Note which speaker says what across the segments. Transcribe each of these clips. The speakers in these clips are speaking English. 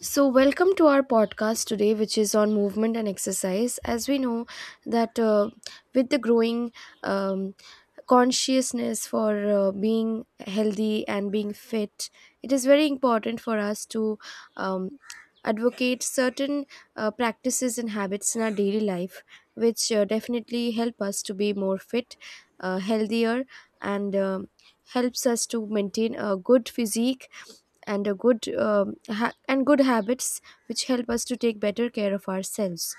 Speaker 1: So, welcome to our podcast today, which is on movement and exercise. As we know that with the growing um, consciousness for being healthy and being fit, it is very important for us to um, advocate certain practices and habits in our daily life which definitely help us to be more fit, healthier, and helps us to maintain a good physique and a good and good habits which help us to take better care of ourselves.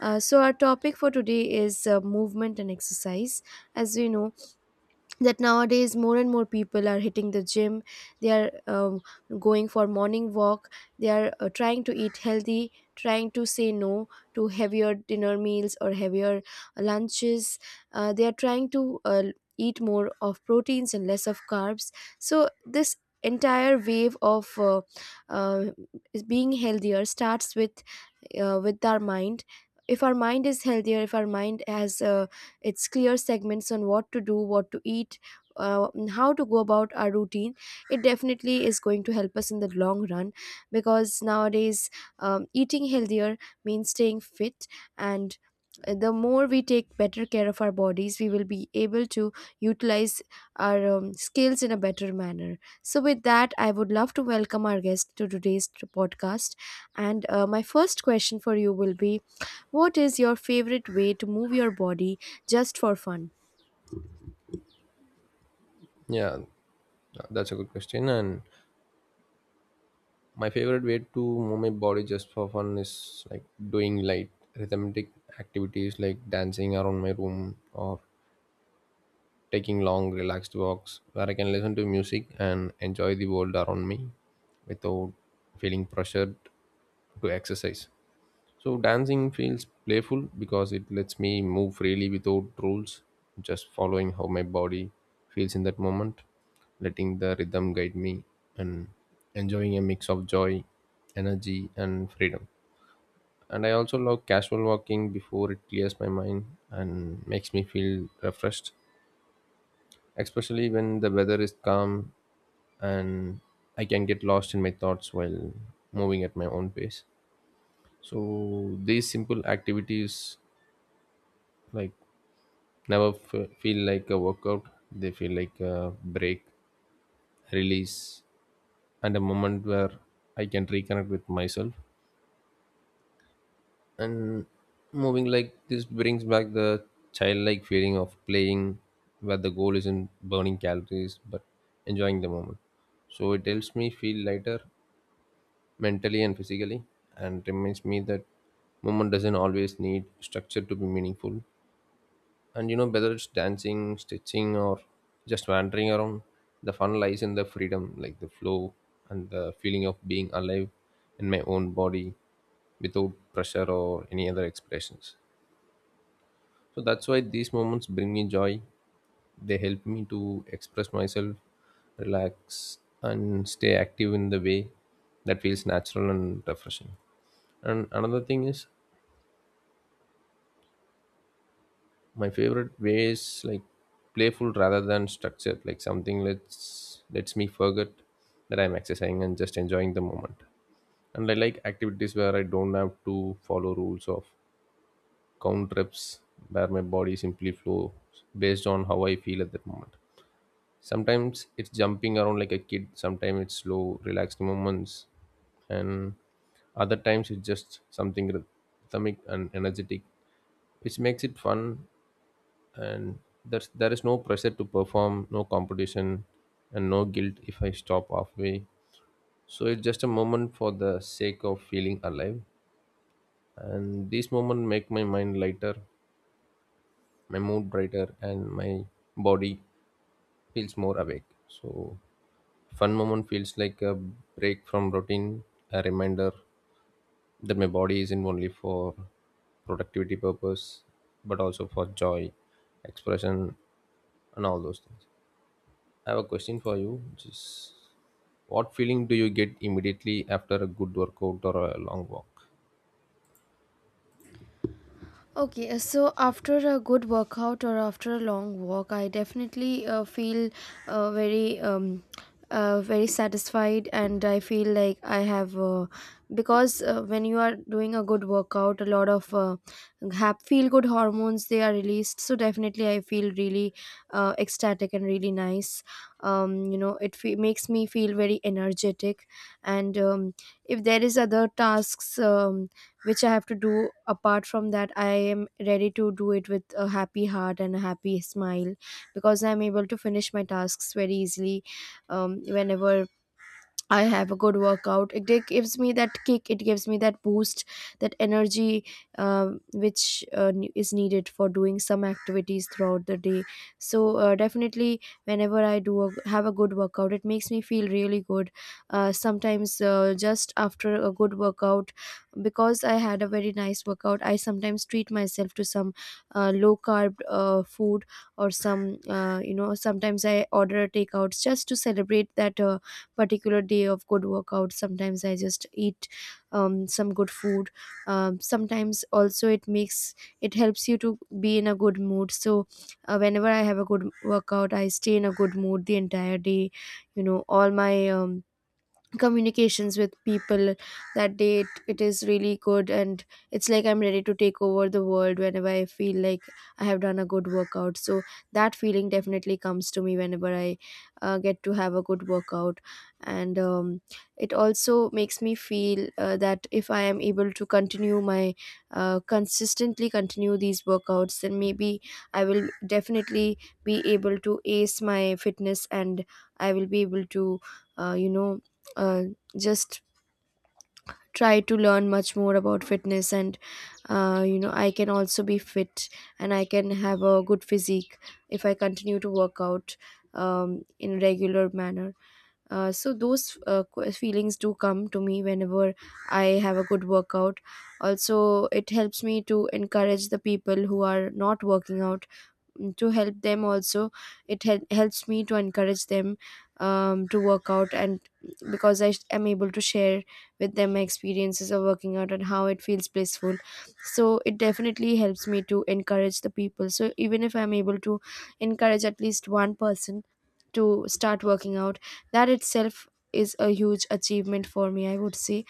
Speaker 1: So our topic for today is movement and exercise. As we know that nowadays more and more people are hitting the gym, they are going for morning walk, they are trying to eat healthy, trying to say no to heavier dinner meals or heavier lunches. They are trying to eat more of proteins and less of carbs. So this entire wave of uh, is being healthier starts with our mind. If our mind is healthier, if our mind has its clear segments on what to do, what to eat, and how to go about our routine, it definitely is going to help us in the long run. Because nowadays, eating healthier means staying fit, and the more we take better care of our bodies, we will be able to utilize our skills in a better manner. So with that, I would love to welcome our guest to today's podcast. And My first question for you will be, what is your favorite way to move your body just for fun?
Speaker 2: Yeah, that's a good question. And my favorite way to move my body just for fun is like doing light rhythmic activities like dancing around my room or taking long relaxed walks where I can listen to music and enjoy the world around me without feeling pressured to exercise. So dancing feels playful because it lets me move freely without rules, just following how my body feels in that moment, letting the rhythm guide me and enjoying a mix of joy, energy and freedom. And I also love casual walking before it clears my mind and makes me feel refreshed, especially when the weather is calm and I can get lost in my thoughts while moving at my own pace. So these simple activities like never feel like a workout. They feel like a break, release and a moment where I can reconnect with myself. And moving like this brings back the childlike feeling of playing where the goal isn't burning calories but enjoying the moment. So it helps me feel lighter mentally and physically and reminds me that movement doesn't always need structure to be meaningful. And whether it's dancing, stitching or just wandering around, the fun lies in the freedom, like the flow and the feeling of being alive in my own body without pressure or any other expressions. So that's why these moments bring me joy. They help me to express myself, relax and stay active in the way that feels natural and refreshing. And another thing is, my favorite way is like playful rather than structured, like something lets me forget that I'm exercising and just enjoying the moment. And I like activities where I don't have to follow rules of count reps, where my body simply flows based on how I feel at that moment. Sometimes it's jumping around like a kid, sometimes it's slow relaxed moments, and other times it's just something rhythmic and energetic, which makes it fun. And there is no pressure to perform, no competition and no guilt if I stop halfway. So it's just a moment for the sake of feeling alive. And these moments make my mind lighter, my mood brighter and my body feels more awake. So fun moment feels like a break from routine, a reminder that my body isn't only for productivity purpose but also for joy, expression and all those things. I have a question for you, which is, what feeling do you get immediately after a good workout or a long walk?
Speaker 1: Okay, so after a good workout or after a long walk, I definitely feel very very satisfied, and I feel like I have because when you are doing a good workout, a lot of feel good hormones they are released. So definitely, I feel really ecstatic and really nice. You know, it makes me feel very energetic, and if there is other tasks which I have to do. Apart from that, I am ready to do it with a happy heart and a happy smile because I'm able to finish my tasks very easily whenever I have a good workout. It gives me that kick. It gives me that boost, that energy, which is needed for doing some activities throughout the day. So definitely, whenever I have a good workout, it makes me feel really good. Sometimes just after a good workout, because I had a very nice workout, I sometimes treat myself to some low carb food, or some, you know, sometimes I order a takeouts just to celebrate that. Particular day of good workout, sometimes I just eat some good food. Sometimes also it makes, it helps you to be in a good mood. So whenever I have a good workout, I stay in a good mood the entire day. You know, all my communications with people that day, it is really good, and it's like I'm ready to take over the world whenever I feel like I have done a good workout. So that feeling definitely comes to me whenever I get to have a good workout. And it also makes me feel that if I am able to continue my consistently continue these workouts, then maybe I will definitely be able to ace my fitness, and I will be able to uh, you know uh, just try to learn much more about fitness, and you know, I can also be fit, and I can have a good physique if I continue to work out in a regular manner. So those feelings do come to me whenever I have a good workout. Also, it helps me to encourage the people who are not working out, to help them also. It helps me to encourage them to work out, and because I am able to share with them my experiences of working out and how it feels blissful. So it definitely helps me to encourage the people, so even if I'm able to encourage at least one person to start working out, that itself is a huge achievement for me, I would say.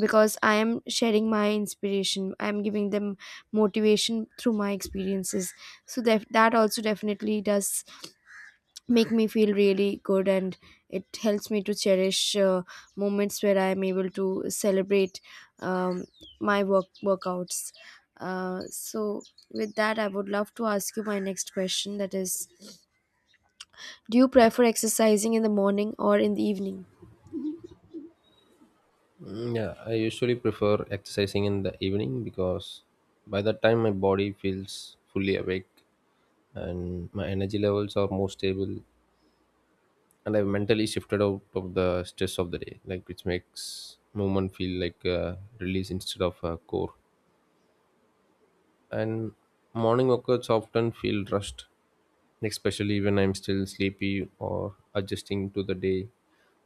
Speaker 1: Because I am sharing my inspiration, I am giving them motivation through my experiences. So that also definitely does make me feel really good, and it helps me to cherish moments where I am able to celebrate um, my workouts. So with that, I would love to ask you my next question, that is, do you prefer exercising in the morning or in the evening?
Speaker 2: Mm, yeah, I usually prefer exercising in the evening because by that time my body feels fully awake and my energy levels are more stable, and I've mentally shifted out of the stress of the day, like which makes movement feel like a release instead of a core. And morning workouts often feel rushed, like, especially when I'm still sleepy or adjusting to the day.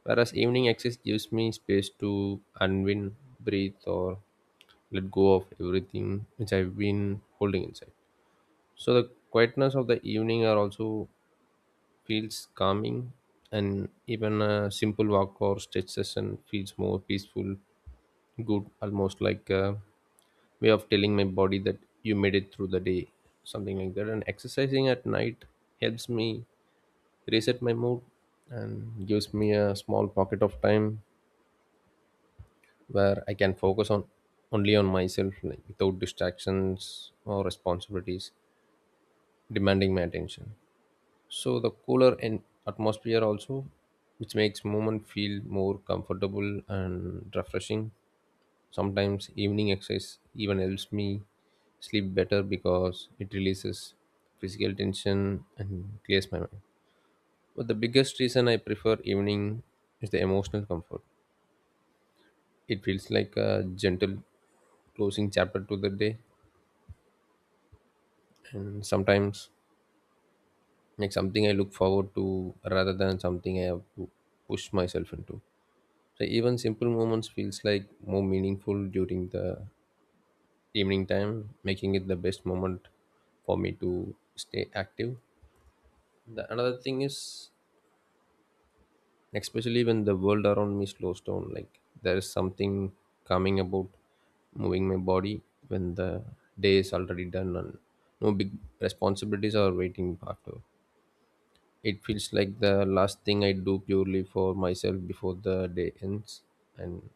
Speaker 2: Whereas evening exercise gives me space to unwind, breathe, or let go of everything which I've been holding inside. So the quietness of the evening are also feels calming, and even a simple walk or stretch session feels more peaceful, good, almost like, way of telling my body that you made it through the day, something like that. And exercising at night helps me reset my mood and gives me a small pocket of time where I can focus on only on myself, like without distractions or responsibilities demanding my attention. So the cooler and atmosphere also, which makes movement feel more comfortable and refreshing. Sometimes evening exercise even helps me sleep better because it releases physical tension and clears my mind. But the biggest reason I prefer evening is the emotional comfort. It feels like a gentle closing chapter to the day, and sometimes like something I look forward to rather than something I have to push myself into. So even simple moments feels like more meaningful during the evening time, making it the best moment for me to stay active. The another thing is, especially when the world around me slows down, like there is something coming about moving my body when the day is already done and no big responsibilities are waiting after. It feels like the last thing I do purely for myself before the day ends. And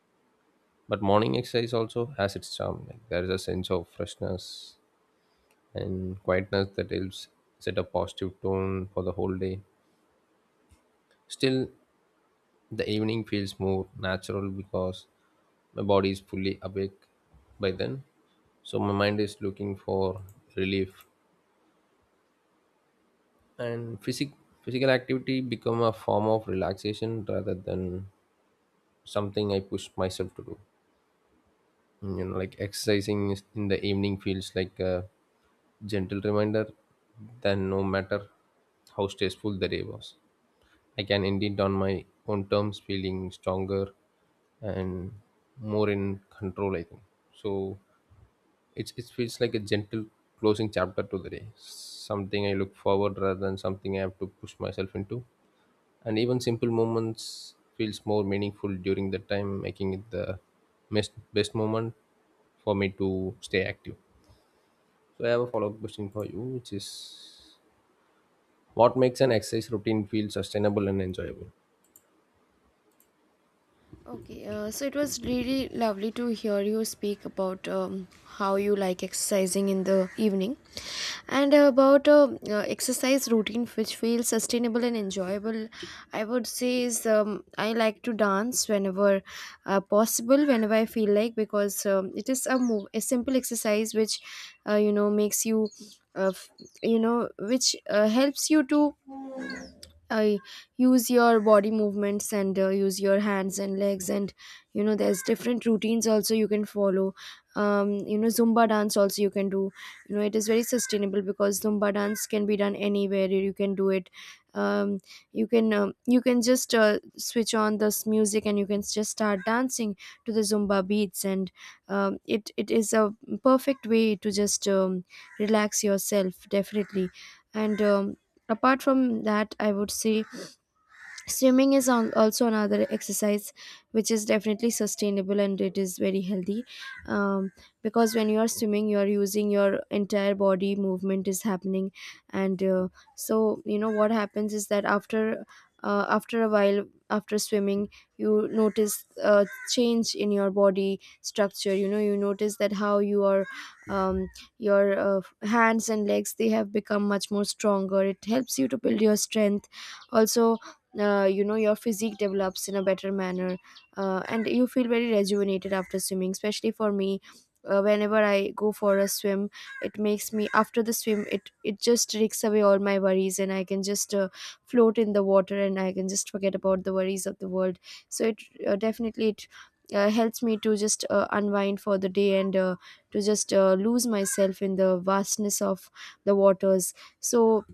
Speaker 2: but morning exercise also has its charm. Like there is a sense of freshness and quietness that helps set a positive tone for the whole day. Still, the evening feels more natural because my body is fully awake by then. So my mind is looking for relief, and physical activity become a form of relaxation rather than something I push myself to do. You know, like exercising in the evening feels like a gentle reminder that no matter how stressful the day was I can end it on my own terms, feeling stronger and more in control. I think so. It feels like a gentle closing chapter to the day, something I look forward rather than something I have to push myself into. And even simple moments feels more meaningful during the time, making it the best moment for me to stay active. So I have a follow up question for you, which is, what makes an exercise routine feel sustainable and enjoyable?
Speaker 1: Okay, so it was really lovely to hear you speak about how you like exercising in the evening and about exercise routine which feels sustainable and enjoyable. I would say is, I like to dance whenever possible, whenever I feel like, because it is a move, a simple exercise which you know makes you, uh, f- you know, which helps you to I use your body movements and use your hands and legs, and you know there's different routines also you can follow. You know, zumba dance also you can do. You know, it is very sustainable because zumba dance can be done anywhere, you can do it. um you can you can just switch on this music and you can just start dancing to the zumba beats. And it is a perfect way to just relax yourself, definitely. And apart from that, I would say swimming is on, also another exercise which is definitely sustainable and it is very healthy, um, because when you are swimming, you are using your entire body, movement is happening. And so you know what happens is that after after a while, after swimming, you notice a change in your body structure. You know, you notice that how you are, um, your hands and legs, they have become much more stronger. It helps you to build your strength also. You know, your physique develops in a better manner. And you feel very rejuvenated after swimming. Especially for me, whenever I go for a swim, it makes me, after the swim, it just takes away all my worries, and I can just float in the water, and I can just forget about the worries of the world. So it definitely it helps me to just unwind for the day, and to just lose myself in the vastness of the waters. So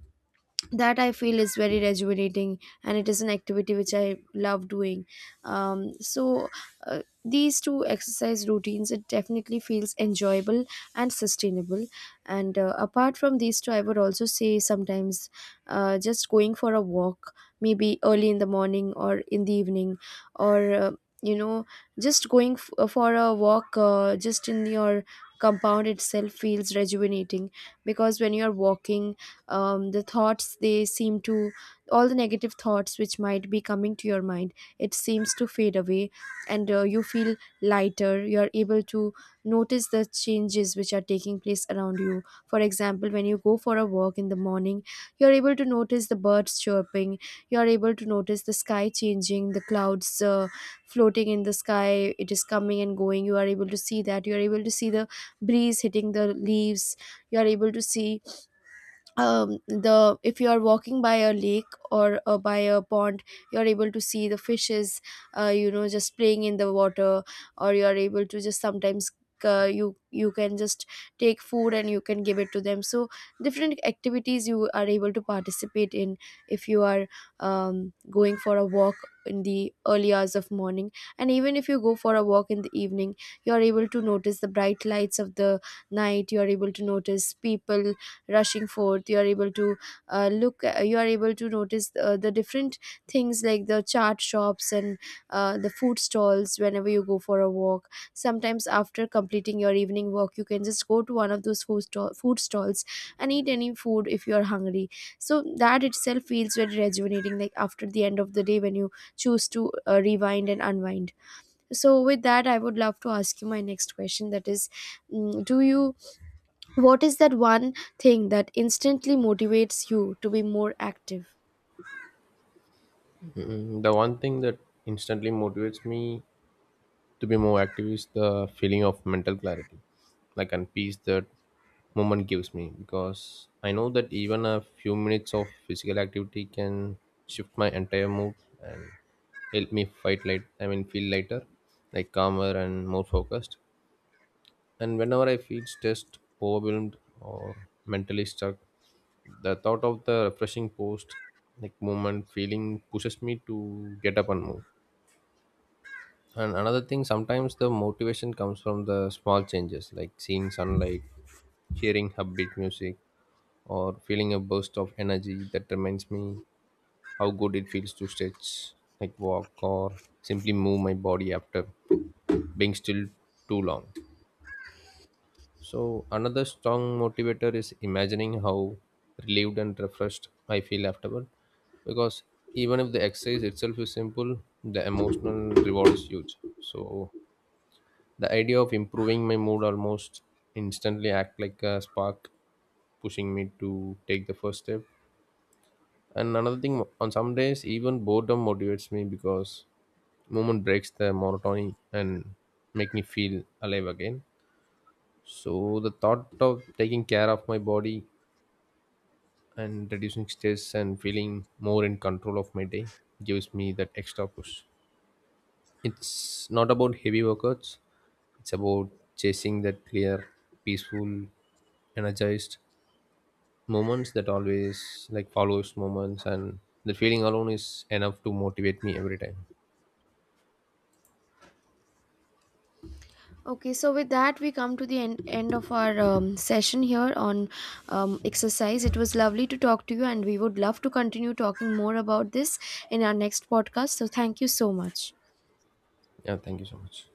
Speaker 1: that I feel is very rejuvenating, and it is an activity which I love doing. So these two exercise routines, it definitely feels enjoyable and sustainable. And apart from these two, I would also say sometimes just going for a walk, maybe early in the morning or in the evening, or you know, just going for a walk just in your compound itself feels rejuvenating, because when you are walking, the thoughts they seem to, all the negative thoughts which might be coming to your mind, it seems to fade away. And you feel lighter, you are able to notice the changes which are taking place around you. For example, when you go for a walk in the morning, you are able to notice the birds chirping, you are able to notice the sky changing, the clouds floating in the sky, it is coming and going, you are able to see that. You are able to see the breeze hitting the leaves, you are able to see the, if you are walking by a lake or by a pond, you are able to see the fishes you know, just playing in the water. Or you are able to just sometimes, uh, you can just take food and you can give it to them. So different activities you are able to participate in if you are going for a walk in the early hours of morning. And even if you go for a walk in the evening, you are able to notice the bright lights of the night, you are able to notice people rushing forth, you are able to look you are able to notice the different things like the chart shops, and the food stalls. Whenever you go for a walk, sometimes after completing your evening walk, you can just go to one of those food stalls and eat any food if you are hungry. So that itself feels very rejuvenating, like after the end of the day when you choose to rewind and unwind. So with that, I would love to ask you my next question, that is, mm, do you what is that one thing that instantly motivates you to be more active?
Speaker 2: The one thing that instantly motivates me to be more active is the feeling of mental clarity, like and peace that moment gives me. Because I know that even a few minutes of physical activity can shift my entire mood and help me fight light. I mean, feel lighter, like calmer and more focused. And whenever I feel stressed, overwhelmed, or mentally stuck, the thought of the refreshing post, like moment feeling, pushes me to get up and move. And another thing, sometimes the motivation comes from the small changes like seeing sunlight, hearing upbeat music, or feeling a burst of energy that reminds me how good it feels to stretch, like walk, or simply move my body after being still too long. So, another strong motivator is imagining how relieved and refreshed I feel afterward, because even if the exercise itself is simple, the emotional reward is huge. So, the idea of improving my mood almost instantly act like a spark, pushing me to take the first step. And another thing, on some days, even boredom motivates me because moment breaks the monotony and make me feel alive again. So the thought of taking care of my body and reducing stress and feeling more in control of my day gives me that extra push. It's not about heavy workouts, it's about chasing that clear, peaceful, energized moments that always like follows moments, and the feeling alone is enough to motivate me every time.
Speaker 1: Okay, so with that, we come to the end of our session here on exercise. It was lovely to talk to you, and we would love to continue talking more about this in our next podcast. So, thank you so much.
Speaker 2: Yeah, thank you so much.